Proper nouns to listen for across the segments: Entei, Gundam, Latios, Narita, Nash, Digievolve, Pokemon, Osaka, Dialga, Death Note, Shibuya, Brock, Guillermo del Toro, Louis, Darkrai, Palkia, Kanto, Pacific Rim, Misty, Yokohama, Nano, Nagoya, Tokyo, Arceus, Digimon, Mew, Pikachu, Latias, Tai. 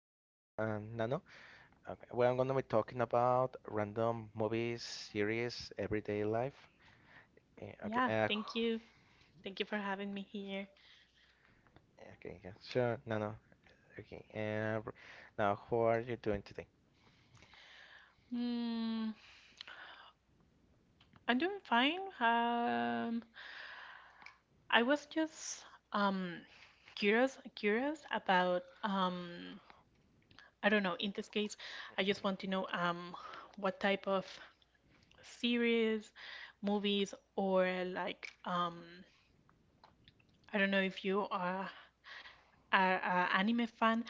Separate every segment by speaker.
Speaker 1: with me and Nano. Okay, we're going to be talking about random movies, series, everyday life. Eh, Okay,
Speaker 2: Yeah,
Speaker 1: uh,
Speaker 2: thank you. Thank you for having me here.
Speaker 1: okay, yeah, sure, Nano. Okay, uh, br- Now how are you doing today?
Speaker 2: Mm, I'm doing fine. I was just um curious about I don't know, in this case, I just want to know what type of series, movies, or like I don't know if you are a anime fan.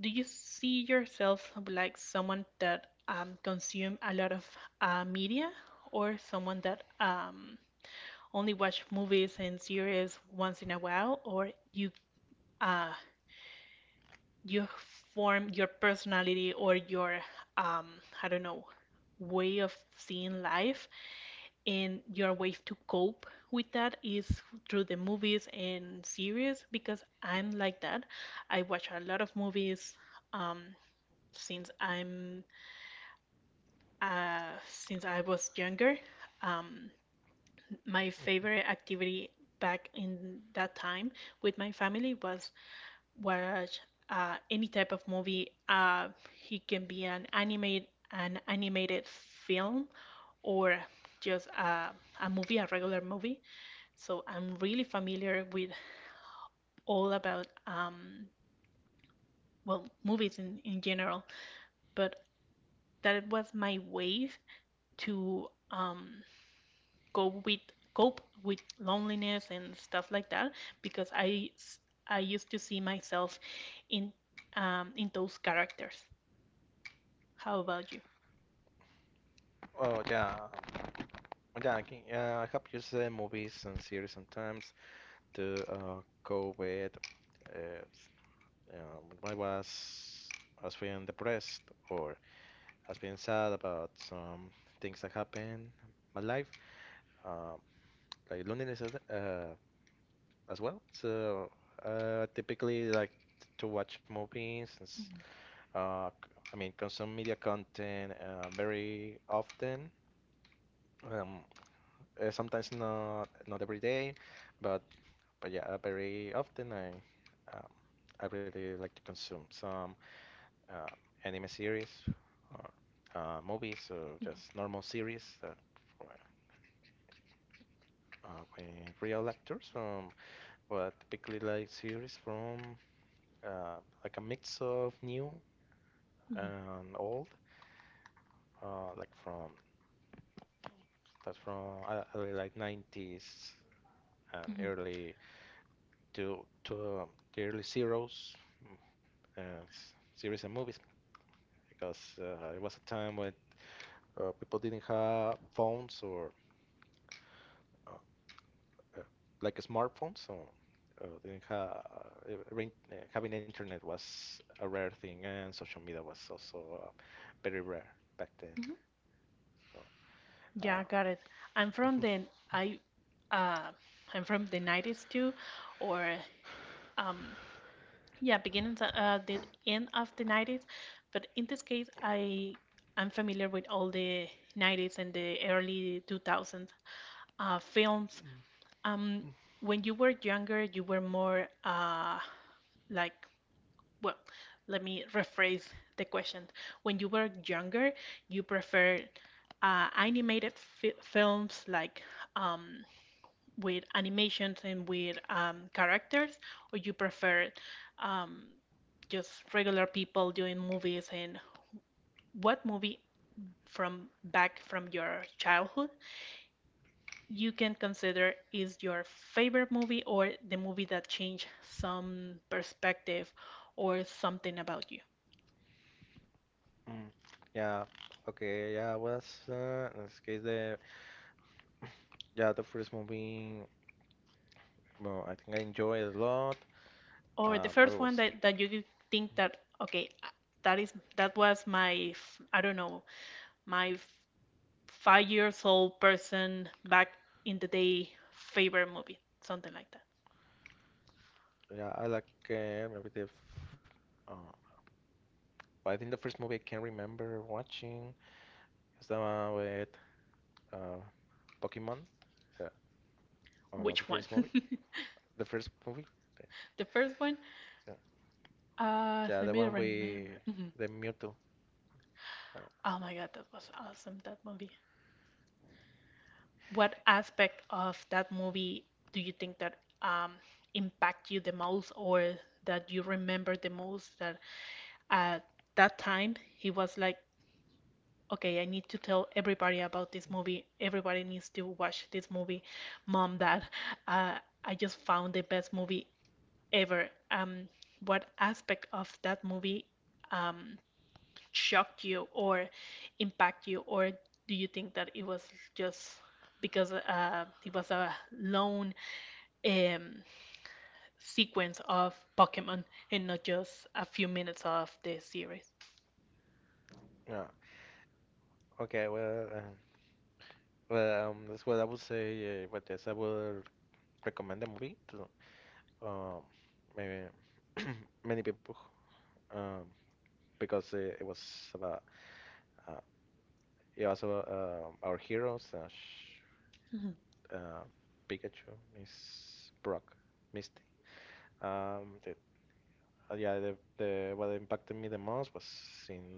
Speaker 2: Do you see yourself like someone that consume a lot of media, or someone that only watch movies and series once in a while, or uh, you form your personality or your um, I don't know, way of seeing life, and your way to cope with that is through the movies and series because I'm like that. I watch a lot of movies um, since I'm since I was younger. Um, my
Speaker 1: Mhm.
Speaker 2: favorite activity back in that time with my family was watch any type of movie. It can be an animated film, or just a movie, a regular movie. So I'm really familiar with all about well, movies in general. But that was my way to go with cope with loneliness and stuff like that because I used to see myself in in those characters. How about you?
Speaker 1: Oh yeah, yeah. Okay, I have used movies and series sometimes to cope with uh, s- when I was feeling depressed or has been sad about some things that happened in my life, um, like loneliness as well. So uh, I typically like to watch movies and
Speaker 2: Mhm,
Speaker 1: I mean consume media content very often. Um, sometimes not every day, but but yeah, very often um, I really like to consume some uh, anime series or movies or just normal series. Uh, uh, uh, real actors from but typically like series from uh, like a mix of new and old, like from that's from early like 90s and
Speaker 2: mhm,
Speaker 1: early to the early zeros, mm, series and movies because it was a time when people didn't have phones or uh, uh, like a smartphone, so didn't have having internet was a rare thing, and social media was also very rare back then.
Speaker 2: mhm.
Speaker 1: So
Speaker 2: Yeah,
Speaker 1: uh,
Speaker 2: got it. I'm from the I uh I'm from the 90s too, or um yeah, beginnings, the end of the 90s, but in this case I'm familiar with all the 90s and the early 2000s films. Um, when you were younger, you were more like, well, let me rephrase the question. When you were younger, you preferred animated fi films, like, um, with animations and with characters, or you preferred um, just regular people doing movies? And what movie from back from your childhood you can consider is your favorite movie, or the movie that changed some perspective or something about you.
Speaker 1: Mm. Yeah. Okay. Yeah. Was in this case the yeah the first movie. Well, I think I enjoyed it a lot.
Speaker 2: Or the
Speaker 1: It
Speaker 2: first one
Speaker 1: was
Speaker 2: that you think that, okay, that was my, I don't know, my 5 years old person back in the day favorite movie, something like that.
Speaker 1: yeah I like uh, but I think the first movie I can remember watching is the one with uh, Pokemon, uh, uh, the
Speaker 2: Which one?
Speaker 1: first movie, the first movie, the-
Speaker 2: The first one?
Speaker 1: yeah, yeah, the
Speaker 2: Let me
Speaker 1: one we,
Speaker 2: remember. Mhm.
Speaker 1: the Mewtwo. Uh,
Speaker 2: Oh my God, that was awesome, that movie. What aspect of that movie do you think that um, impact you the most, or that you remember the most? That at that time he was like, "Okay, I need to tell everybody about this movie. Everybody needs to watch this movie. Mom, Dad, I just found the best movie ever." What aspect of that movie? Um, shocked you, or impact you, or do you think that it was just because it was a lone um, sequence of Pokemon and not just a few minutes of the series.
Speaker 1: yeah. Okay. That's what I would say. But yes, I would recommend the movie to um, maybe many people, um, because about uh, it was about our hero slash
Speaker 2: Mhm.
Speaker 1: uh, Pikachu, Miss Brock, Misty. The yeah, the what impacted me the most was in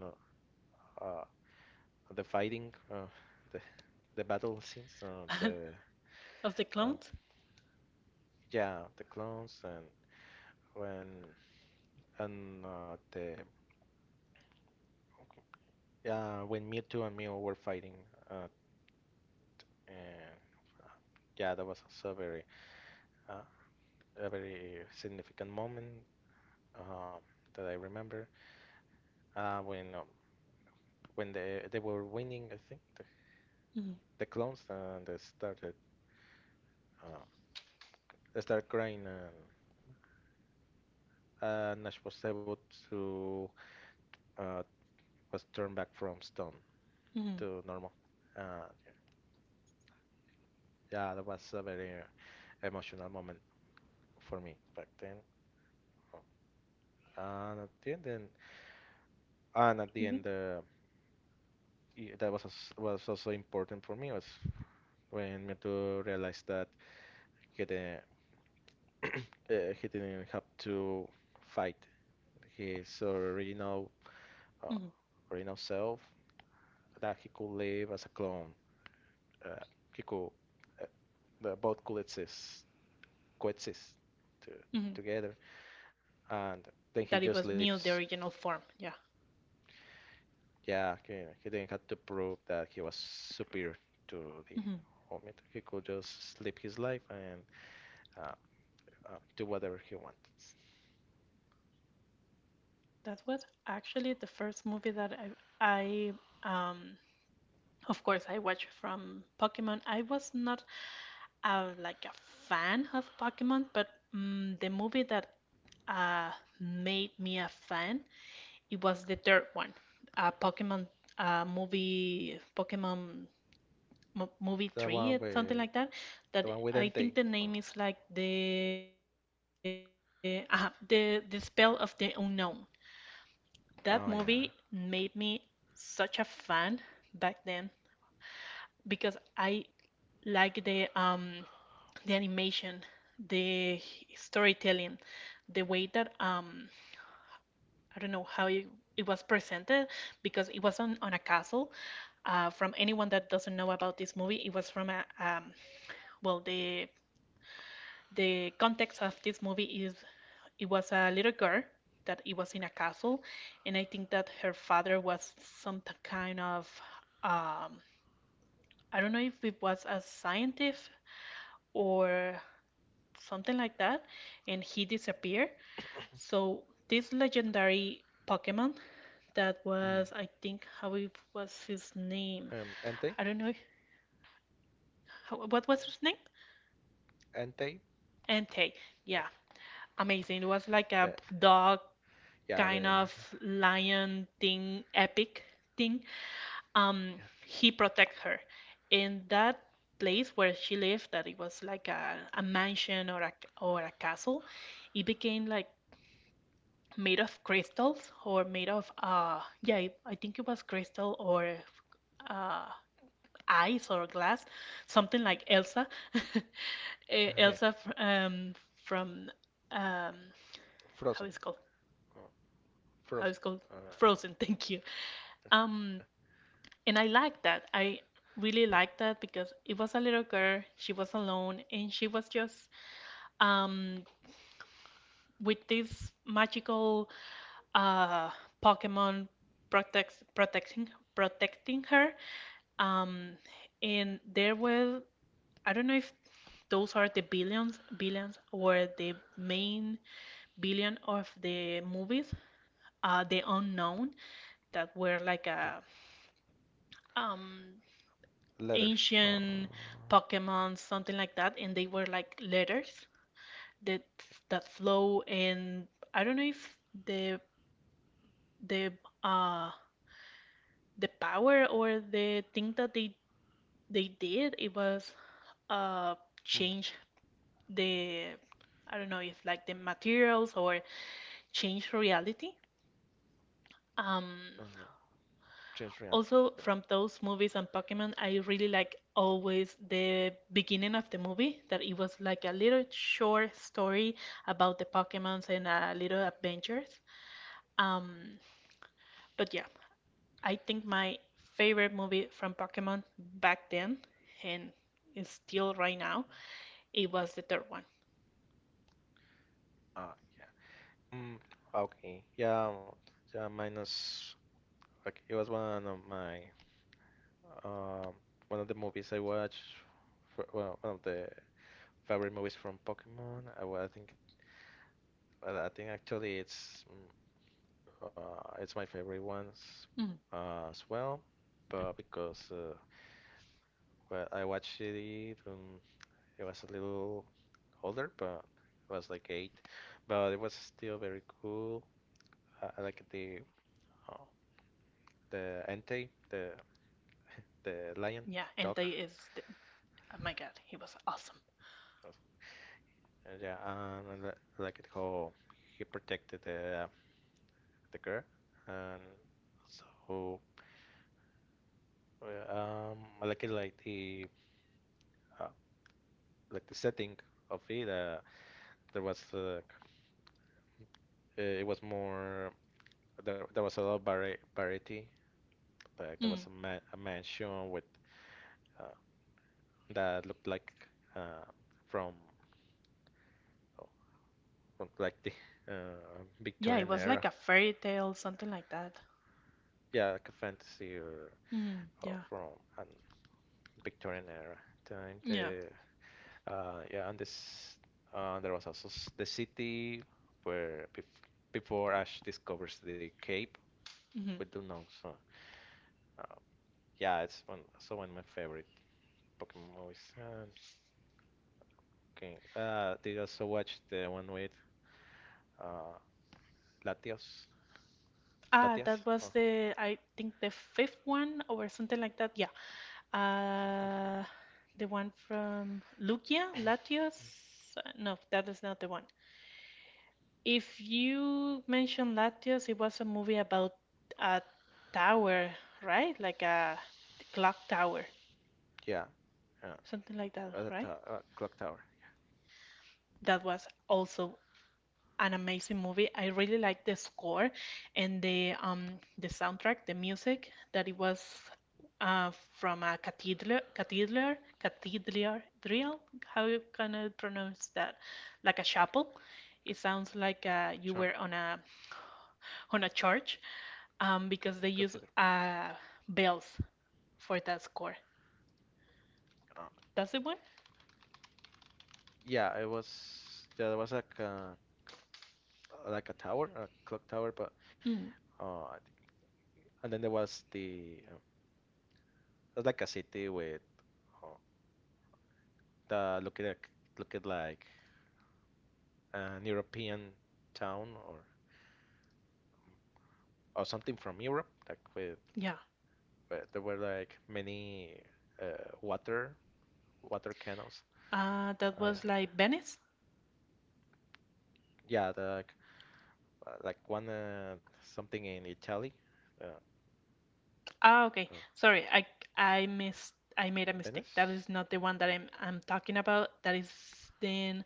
Speaker 1: uh, uh, the fighting, the the battle scenes, the
Speaker 2: Of the
Speaker 1: uh,
Speaker 2: clones?
Speaker 1: yeah, the clones and when and the yeah when Mewtwo and Mew were fighting, uh, and uh, yeah, that was also very uh, a very significant moment um, that I remember. Uh, when um, when they were winning, I think
Speaker 2: Mhm,
Speaker 1: the clones and uh, they started crying and Nash was able to uh, was turned back from stone
Speaker 2: mhm,
Speaker 1: to normal. Uh, yeah, that was a very emotional moment for me back then. And at the end, then, and at the end,
Speaker 2: mhm,
Speaker 1: that was was also important for me was when Mewtwo realized that he didn't he didn't have to fight his original uh,
Speaker 2: mhm,
Speaker 1: original self, that he could live as a clone. Uh, he could they both coexist, coexist to, together,
Speaker 2: mhm.
Speaker 1: and then he
Speaker 2: That it
Speaker 1: just
Speaker 2: was Mew,
Speaker 1: leaves.
Speaker 2: the original form. Yeah.
Speaker 1: Yeah, he didn't have to prove that he was superior to the
Speaker 2: Hmm.
Speaker 1: Omid. He could just live his life and uh, do whatever he wants.
Speaker 2: That was actually the first movie that I um, of course, I watched from Pokemon. I was not, I'm like a fan of Pokemon, but the movie that uh, made me a fan, it was the third one, Pokemon movie, Pokemon mo movie
Speaker 1: The
Speaker 2: three,
Speaker 1: one
Speaker 2: something
Speaker 1: with
Speaker 2: like that.
Speaker 1: the
Speaker 2: That,
Speaker 1: one with
Speaker 2: I
Speaker 1: Entei.
Speaker 2: think, the
Speaker 1: Oh,
Speaker 2: name is like the spell of the unknown.
Speaker 1: oh
Speaker 2: That
Speaker 1: yeah.
Speaker 2: movie made me such a fan back then because I like the animation, the storytelling, the way that I don't know how it was presented because it was on a castle. From anyone that doesn't know about this movie, it was from a well, the context of this movie is it was a little girl that it was in a castle, and I think that her father was some kind of, um, I don't know if it was a scientist or something like that, and he disappeared. So this legendary Pokemon that
Speaker 1: Mm.
Speaker 2: was, I think, how it was his name.
Speaker 1: Entei.
Speaker 2: I don't know if, how, what was his name?
Speaker 1: Entei.
Speaker 2: Entei.
Speaker 1: Uh,
Speaker 2: Yeah, amazing. It was like a
Speaker 1: The,
Speaker 2: dog
Speaker 1: yeah,
Speaker 2: kind
Speaker 1: the
Speaker 2: of lion thing, epic thing. Um,
Speaker 1: yeah,
Speaker 2: he protect her, in that place where she lived that it was like a mansion, or a castle. It became like made of crystals or made of yeah I think it was crystal, or uh ice or glass, something like Elsa.
Speaker 1: yeah.
Speaker 2: Elsa from, um how
Speaker 1: Frozen.
Speaker 2: is it called
Speaker 1: Uh,
Speaker 2: how
Speaker 1: Frozen.
Speaker 2: is it called
Speaker 1: Uh,
Speaker 2: Frozen. Thank you. um and I like that I really liked that because it was a little girl, she was alone, and she was just um with this magical uh, Pokemon protects protecting protecting her. Um, and there were, I don't know if those are the billions or the main billion of the movies. The unknown that were like
Speaker 1: yeah,
Speaker 2: a um,
Speaker 1: letters.
Speaker 2: ancient Pokemon, something like that, and they were like letters that that flow. And I don't know if the the uh the power or the thing that they did, it was uh
Speaker 1: Mm,
Speaker 2: change the, I don't know if like the materials, or change reality. Um
Speaker 1: uh, Change reality.
Speaker 2: also
Speaker 1: Yeah.
Speaker 2: from those movies and Pokemon, I really like always the beginning of the movie that it was like a little short story about the Pokemons and a little adventures. Um but yeah, I think my favorite movie from Pokemon back then, and is still right now, it was the third one.
Speaker 1: Ah, yeah. Mm, okay. Yeah. Yeah. Minus. Like it was one of my um one of the movies I watched. For, well, one of the favorite movies from Pokemon. I think. I think actually it's it's my favorite ones
Speaker 2: Mm.
Speaker 1: as well. But because well I watched it, it was a little older, but it was like eight, but it was still very cool. I, like uh, the ante, the the lion,
Speaker 2: Yeah,
Speaker 1: dog.
Speaker 2: Entei is the, oh my god, he was awesome.
Speaker 1: Yes. Yeah, like it how he protected the girl, and so uh, um, like it uh, like the setting of it. There was it was more there was a lot of variety. Like there
Speaker 2: Mm.
Speaker 1: was a mansion with uh, that looked like uh, from, oh, from like the
Speaker 2: Yeah, it
Speaker 1: Victorian
Speaker 2: was like
Speaker 1: era.
Speaker 2: a fairy tale, something like that.
Speaker 1: Yeah, like a fantasy or
Speaker 2: Mm. Yeah,
Speaker 1: from an Victorian era time.
Speaker 2: yeah.
Speaker 1: The yeah, and this there was also the city where bef before Ash discovers the cape with
Speaker 2: Hmm.
Speaker 1: the nose. So uh, yeah, it's one also one of my favorite Pokemon movies. And, okay, did you also watch the one with uh, Latios?
Speaker 2: Ah,
Speaker 1: Latias?
Speaker 2: that
Speaker 1: Or
Speaker 2: was the, I think, the fifth one or something like that. Yeah. Uh, the one from Lucia, Latios. No, that is not the one. If you mentioned Latios, it was a movie about a tower, right? Like a clock tower,
Speaker 1: yeah, yeah,
Speaker 2: something like that,
Speaker 1: at the
Speaker 2: right?
Speaker 1: to- uh, clock tower.
Speaker 2: That was also an amazing movie. I really like the score and the soundtrack, the music that it was from a cathedral drill. How you can I pronounce that? Like a chapel.
Speaker 1: C-
Speaker 2: It sounds like you
Speaker 1: Jump,
Speaker 2: were on a church
Speaker 1: c-
Speaker 2: because they use
Speaker 1: cathedral.
Speaker 2: bells for that score. That's the one?
Speaker 1: Yeah, it was yeah, there was like a tower, a clock tower, but
Speaker 2: Mm,
Speaker 1: I think, and then there was the it was like a city with uh, the looking like an European town or something from Europe, like with
Speaker 2: yeah.
Speaker 1: where there were like many uh, water water canals.
Speaker 2: That
Speaker 1: Uh,
Speaker 2: was like Venice.
Speaker 1: yeah, the, like one something in Italy, uh,
Speaker 2: Ah, okay.
Speaker 1: uh,
Speaker 2: Sorry, I missed, I made a mistake. That is
Speaker 1: Venice.
Speaker 2: not the one that I'm talking about. That is then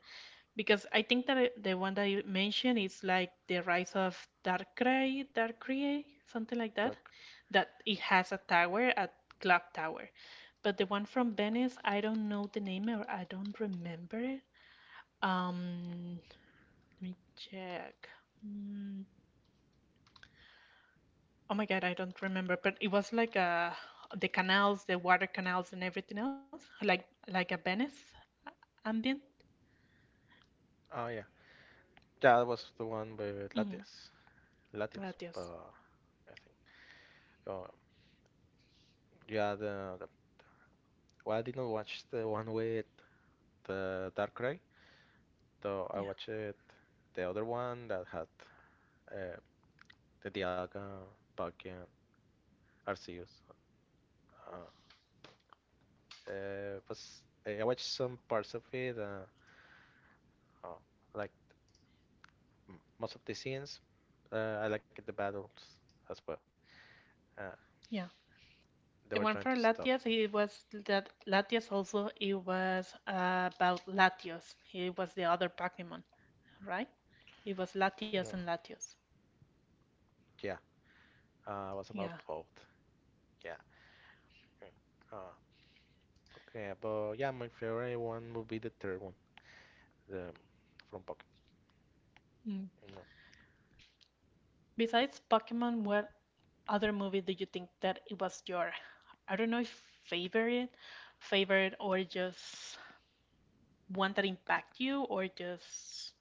Speaker 2: because I think that the one that you mentioned is like the rise of Darkrai, something like
Speaker 1: Like,
Speaker 2: that. That it has a tower, a clock tower. But the one from Venice, I don't know the name, or I don't remember it. Um, let me check. Mm, Oh my God, I don't remember, but it was like the canals, the water canals and everything else, like a Venice ambient.
Speaker 1: oh yeah, yeah, that was the one with
Speaker 2: Mm-hmm.
Speaker 1: Latias. Latios,
Speaker 2: Latias.
Speaker 1: but I think. Um, yeah, the well, I did not watch the one with the Dark Cry, though I
Speaker 2: Yeah.
Speaker 1: watched it, the other one that had uh, the Dialga, Palkia, Arceus. Uh, I watched some parts of it, uh, like most of the scenes. I liked the battles as well. Uh,
Speaker 2: Yeah. The
Speaker 1: they
Speaker 2: one
Speaker 1: were
Speaker 2: for
Speaker 1: trying to
Speaker 2: Latias,
Speaker 1: stop.
Speaker 2: it was that Latias also, it was about Latios. It was the other Pokemon, right? It was Latias
Speaker 1: Yeah,
Speaker 2: and Latios.
Speaker 1: yeah. It was about
Speaker 2: Yeah.
Speaker 1: both. Yeah. Uh, Okay, but yeah, my favorite one would be the third one, the from Pocket.
Speaker 2: Mm. Besides Pokemon, what other movie do you think that it was your, I don't know if favorite, or just one that impact you, or just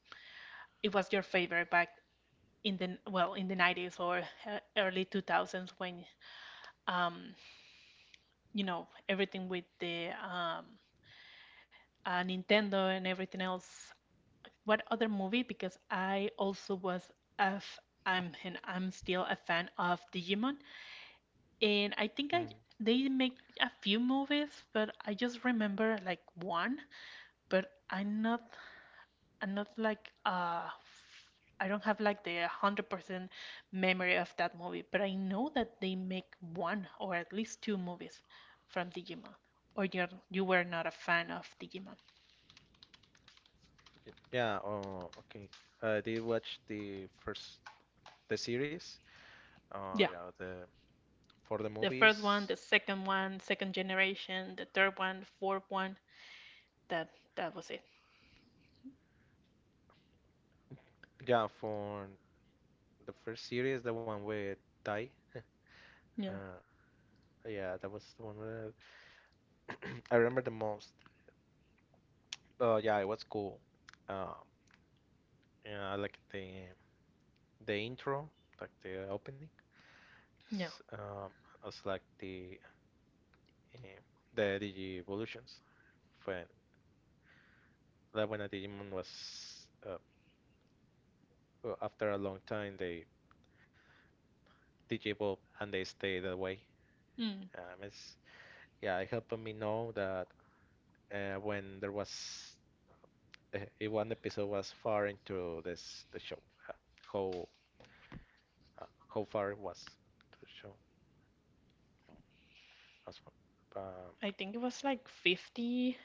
Speaker 2: it was your favorite back in the well, in the 90s or early 2000s when um everything with the Nintendo and everything else, what other movie, because I also was a f- I'm and I'm still a fan of Digimon, and I think I
Speaker 1: Mm,
Speaker 2: they make a few movies, but I just remember like one. But I'm not like, I don't have like the 100% memory of that movie, but I know that they make one, or at least two movies from Digimon. Or you were not a fan of Digimon.
Speaker 1: yeah. Oh. Okay. I did watch the first the series.
Speaker 2: Yeah.
Speaker 1: Yeah. The for the
Speaker 2: The first one,
Speaker 1: movies.
Speaker 2: the second one, second generation, the third one, fourth one. That that was it.
Speaker 1: Yeah, for the first series, the one with Tai.
Speaker 2: Yeah.
Speaker 1: Uh, yeah, that was the one that I remember the most. Yeah, it was cool. Uh, yeah, I like the intro, like the opening.
Speaker 2: Yeah.
Speaker 1: S- Um, I was like the the evolutions. When that when a Digimon was after a long time they Digievolve and they stay that way.
Speaker 2: Mm.
Speaker 1: It's yeah, it helped me know that when there was if one episode was far into this the show, uh, how how far it was to the show as well.
Speaker 2: I think it was like 50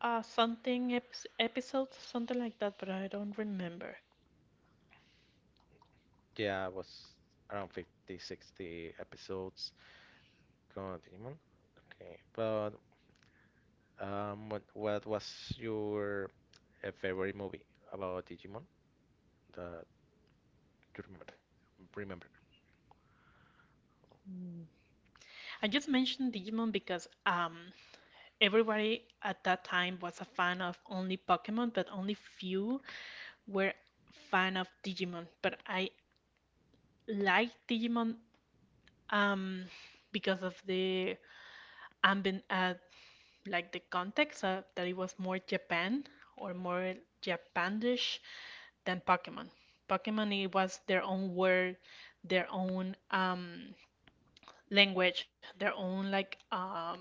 Speaker 2: something eps episodes, something like that, but I don't remember.
Speaker 1: Yeah, it was around 50, 60 episodes. Clone of Digimon. Okay, but what was your a favorite movie about Digimon that you remember? Remember?
Speaker 2: Mm. I just mentioned Digimon because everybody at that time was a fan of only Pokemon, but only few were fan of Digimon. But I like Digimon, um, because of the ambient, like the context, that it was more Japan or more Japanish than Pokemon. Pokemon, it was their own word, their own language, their own like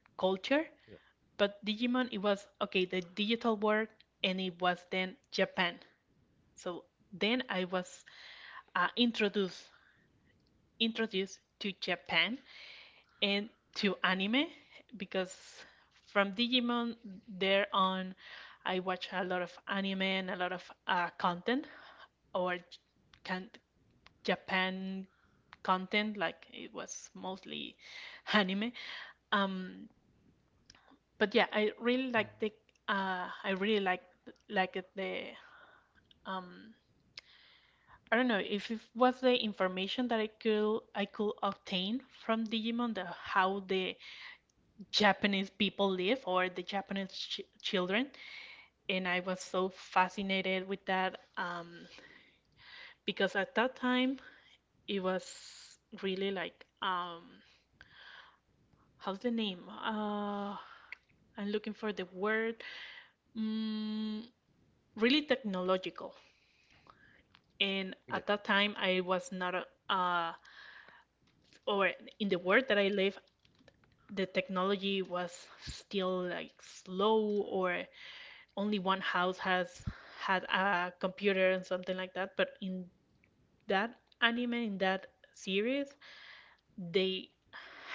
Speaker 2: culture.
Speaker 1: Yeah.
Speaker 2: But Digimon, it was okay, the digital world, and it was then Japan. So then I was uh, introduced introduced to Japan and to anime, because from Digimon there on, I watch a lot of anime and a lot of content, or can Japan content, like it was mostly anime. Um, But yeah, I really
Speaker 1: Mm.
Speaker 2: like the I really like it the um I don't know if it was the information that I could obtain from Digimon, the how the Japanese people live or the Japanese ch children. And I was so fascinated with that because at that time it was really like, how's the name? I'm looking for the word, mm, really technological. And
Speaker 1: Yeah.
Speaker 2: at that time I was not a, uh or in the world that I live, the technology was still like slow, or only one house has had a computer and something like that. But in that anime, in that series, they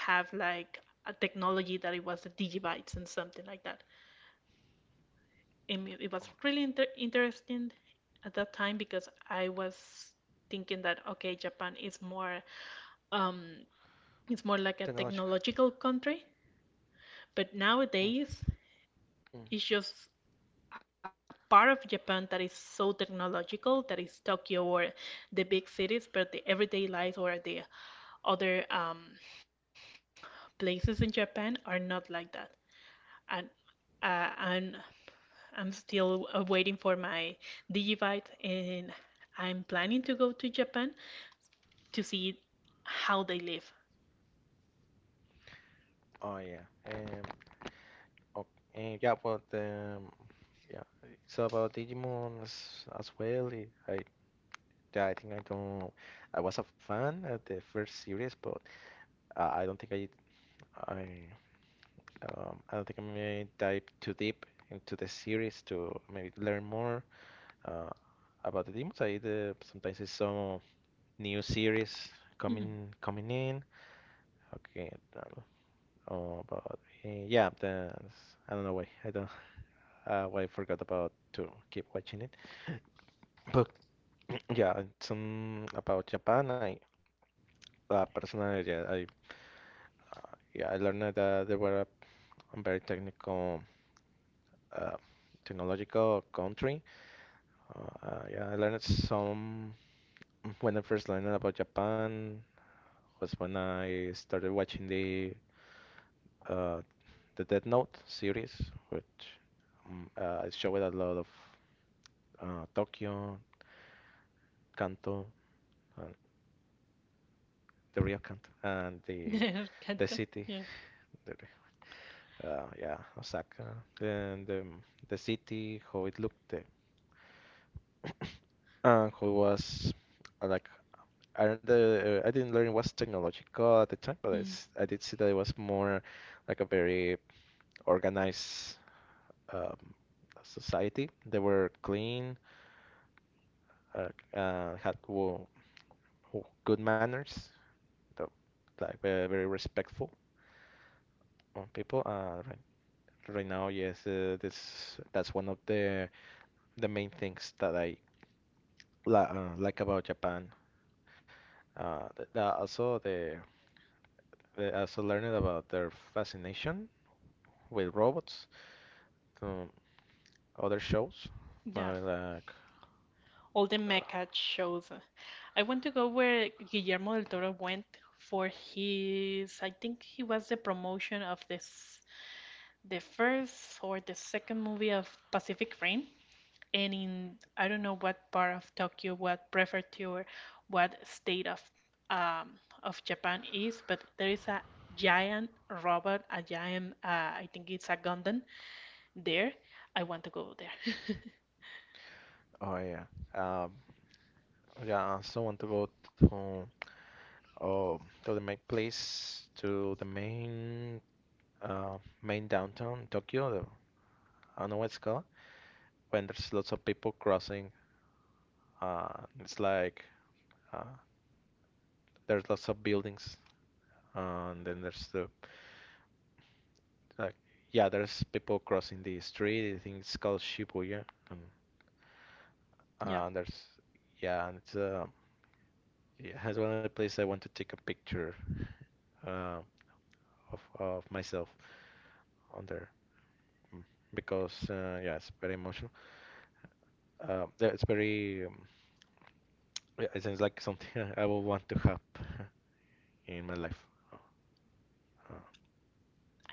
Speaker 2: have like a technology that it was the digibytes and something like that, and it was
Speaker 1: Oh,
Speaker 2: really interesting at that time, because I was thinking that, okay, Japan is more um It's more like a
Speaker 1: technological.
Speaker 2: technological country. But
Speaker 1: Mm,
Speaker 2: nowadays,
Speaker 1: mm.
Speaker 2: it's just a part of Japan that is so technological, that is Tokyo or the big cities, but the everyday life or the other places in Japan are not like that. And and I'm still waiting for my Digibyte, and I'm planning to go to Japan to see how they live.
Speaker 1: Oh yeah. Oh, yeah. Well, the yeah. It's about Digimon as well. Eh, I yeah, I think I don't. I was a fan at the first series, but I don't think I I don't think I may dive too deep into the series to maybe learn more uh, about the demons. I Slayer. Sometimes it's some new series coming
Speaker 2: Mhm.
Speaker 1: coming in. Okay, oh, about yeah, the I don't know why I don't why I forgot about to keep watching it. But yeah, some about Japan. I personally, yeah, I learned that they were a very technical, uh, technological country. Yeah, I learned some when I first learned about Japan. Was when I started watching uh, the Death Note series, which showed a lot of Tokyo, Kanto, and the real Kanto, and the
Speaker 2: Kanto.
Speaker 1: city,
Speaker 2: Yeah.
Speaker 1: the, yeah, Osaka, and the city, how it looked, uh, and how it was like. I don't, I didn't learn it was technological at the time, but
Speaker 2: Mm.
Speaker 1: it's, I did see that it was more like a very organized um, society. They were clean, uh, uh, had wo- good manners, the- very respectful on people. Right, right now, yes, this that's one of the main things that I la like about Japan. Also the also learned about their fascination with robots from other shows,
Speaker 2: Yeah.
Speaker 1: uh, like
Speaker 2: All the
Speaker 1: uh,
Speaker 2: mecha shows. I want to go where Guillermo del Toro went for his, I think he was the promotion of this, the first or the second movie of Pacific Rim. And in, I don't know what part of Tokyo, what prefecture, what state um, of Japan is, but there is a giant robot, a giant, I think it's a Gundam there. I want to go there.
Speaker 1: oh yeah, um, yeah. I also want to go to. Oh, to the main place, to the main main downtown Tokyo. I don't know what it's called. When there's lots of people crossing, it's like uh, there's lots of buildings, and then there's the like yeah, there's people crossing the street. I think it's called Shibuya. And,
Speaker 2: Yeah.
Speaker 1: there's yeah, and it's it has one of the places I want to take a picture uh, of myself on there mm, because yeah, it's very emotional. Yeah, it's very, yeah, it sounds like something I will want to have in my life. Uh,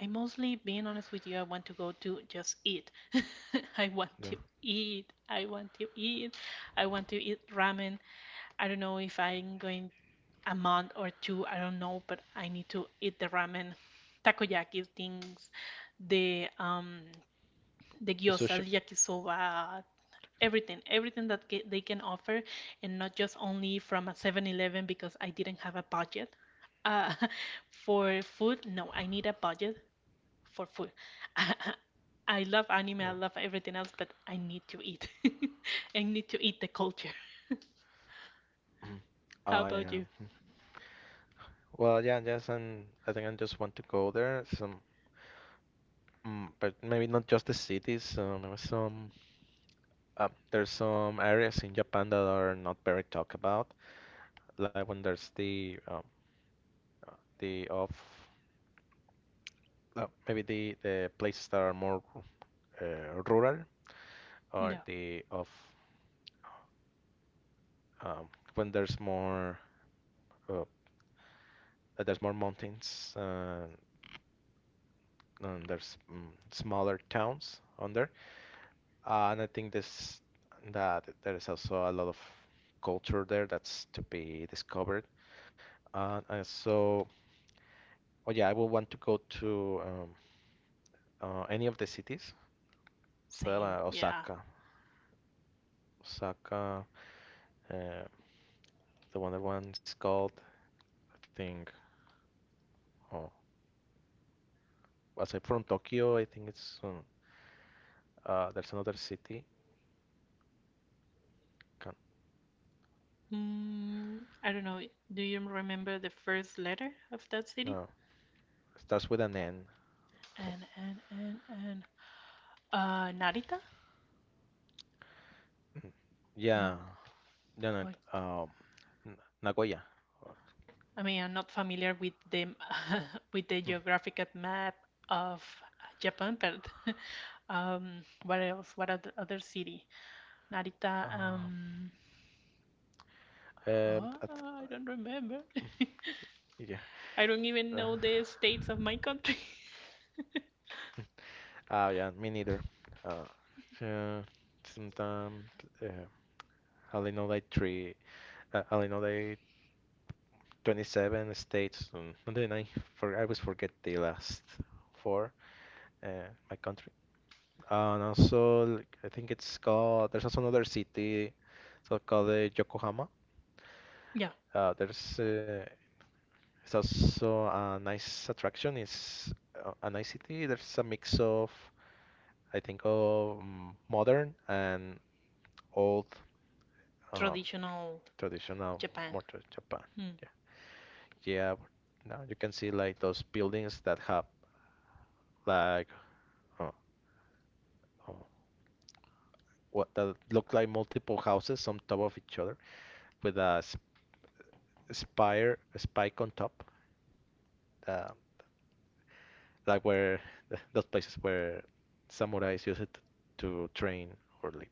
Speaker 2: I mostly, being honest with you, I want to go to just eat. I want to
Speaker 1: yeah.
Speaker 2: eat. I want to eat. I want to eat ramen. I don't know if I'm going a month or two, I don't know, but I need to eat the ramen, takoyaki things, the um, the gyozas,
Speaker 1: Sushi.
Speaker 2: yakisoba, everything, everything that they can offer, and not just only from a 7-Eleven because I didn't have a budget. Uh, for food, no, I need a budget for food. I, I love anime, I
Speaker 1: Uh,
Speaker 2: love everything else, but I need to eat. I need to eat the culture. How
Speaker 1: I
Speaker 2: about you?
Speaker 1: am. Well, yeah, yes, and I think I just want to go there. Some, mm, but maybe not just the cities. Maybe some. There's some areas in Japan that are not very talked about, like when there's uh, the of maybe the places that are more uh, rural or
Speaker 2: Yeah,
Speaker 1: the of um, when there's more uh, that there's more mountains and there's mm, smaller towns on there. And I think this that there is also a lot of culture there that's to be discovered. And so, oh yeah, I will want to go to any of the cities. So
Speaker 2: same. Yeah.
Speaker 1: Osaka, Osaka, uh, the one that one's called, I think. Oh, aside from Tokyo, I think it's there's another city. Can,
Speaker 2: Mm, I don't know. Do you remember the first letter of that city?
Speaker 1: no, it starts with an N. So,
Speaker 2: And Narita? No.
Speaker 1: yeah, No, no,
Speaker 2: Wait.
Speaker 1: um, N-
Speaker 2: I
Speaker 1: Nagoya.
Speaker 2: mean, I'm not
Speaker 1: Uh,
Speaker 2: familiar with the with the geographical map of Japan, but what else? What other city? Narita.
Speaker 1: Um,
Speaker 2: Ah, I don't
Speaker 1: that's,
Speaker 2: remember.
Speaker 1: yeah.
Speaker 2: I don't even know
Speaker 1: Uh,
Speaker 2: the states of my country.
Speaker 1: yeah, me neither. Uh, uh, sometimes uh, I only know like three. I only know like 27 states, and then I for I always forget the last four. My country. And also, like, I think it's called. There's also another city, so called Yokohama.
Speaker 2: Yeah,
Speaker 1: There's It's also a nice attraction. It's a nice city. There's a mix of, I think, of modern and old, um,
Speaker 2: traditional
Speaker 1: traditional,
Speaker 2: Japan.
Speaker 1: more to Japan.
Speaker 2: Mm.
Speaker 1: Yeah, yeah. But now you can see like those buildings that have like uh, uh, what that look like multiple houses on top of each other with spire, a spike on top. Uh, like where those places where samurais used it to train or live.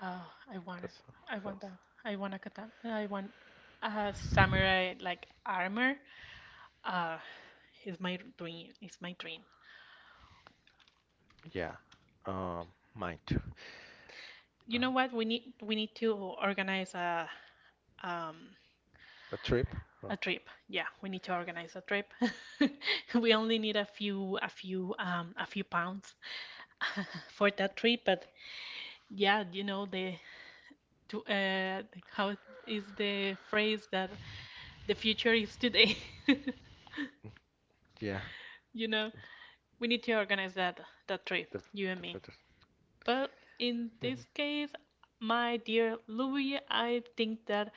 Speaker 2: Ah, I want it.
Speaker 1: That's
Speaker 2: I want
Speaker 1: health.
Speaker 2: that. I want a katana. I want a samurai like armor. Ah, it's my dream. It's my dream.
Speaker 1: Yeah. Um, mine too. Uh,
Speaker 2: You know what? We need to organize um
Speaker 1: a trip. Uh,
Speaker 2: a trip. Yeah, we need to organize a trip. We only need a few a few pounds for that trip. But yeah, you know the to, how is the phrase that the future is today.
Speaker 1: mm, yeah.
Speaker 2: You know, we need to organize that trip,
Speaker 1: The
Speaker 2: you and
Speaker 1: the
Speaker 2: me.
Speaker 1: photos.
Speaker 2: But in
Speaker 1: Mhm,
Speaker 2: this case, my dear Louis, I think that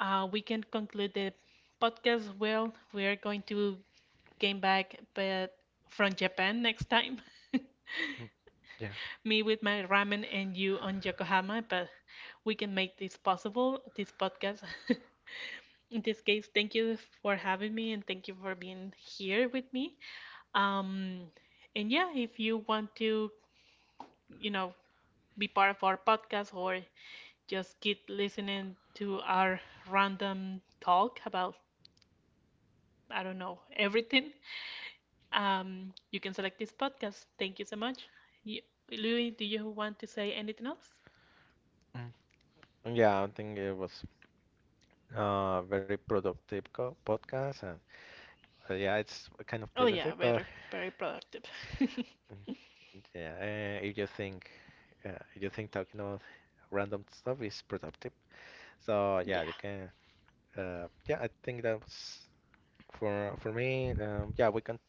Speaker 2: we can conclude the podcast. Well, we are going to came back, but from Japan next time.
Speaker 1: mm, Yeah.
Speaker 2: Me with my ramen and you on Yokohama, but we can make this possible, this podcast. In this case, thank you for having me and thank you for being here with me. Um, and yeah, if you want to, you know, be part of our podcast or just keep listening to our random talk about, I don't know, everything, you can select this podcast. Thank you so much. You, Louis, do you want to say anything else?
Speaker 1: mm. Yeah, I think it was very productive co podcast and yeah, it's kind of
Speaker 2: Oh,
Speaker 1: productive,
Speaker 2: yeah,
Speaker 1: but
Speaker 2: very, very productive.
Speaker 1: mm, yeah, uh, if you think if you think talking about random stuff is productive, so yeah,
Speaker 2: Yeah.
Speaker 1: you can. Yeah, I think that was for me. Yeah, we can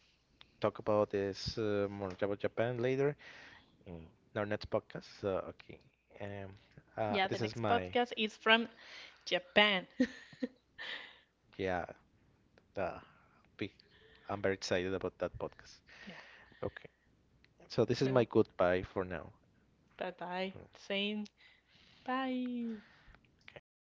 Speaker 1: talk about this more about Japan later. In our next podcast. So, okay. Um,
Speaker 2: Yeah, the
Speaker 1: this is
Speaker 2: next
Speaker 1: my,
Speaker 2: podcast is from Japan.
Speaker 1: yeah, the big, I'm very excited about that podcast.
Speaker 2: Yeah,
Speaker 1: Okay. So, this is my
Speaker 2: well.
Speaker 1: goodbye for now.
Speaker 2: Bye bye. Saying bye.
Speaker 1: Okay. Bye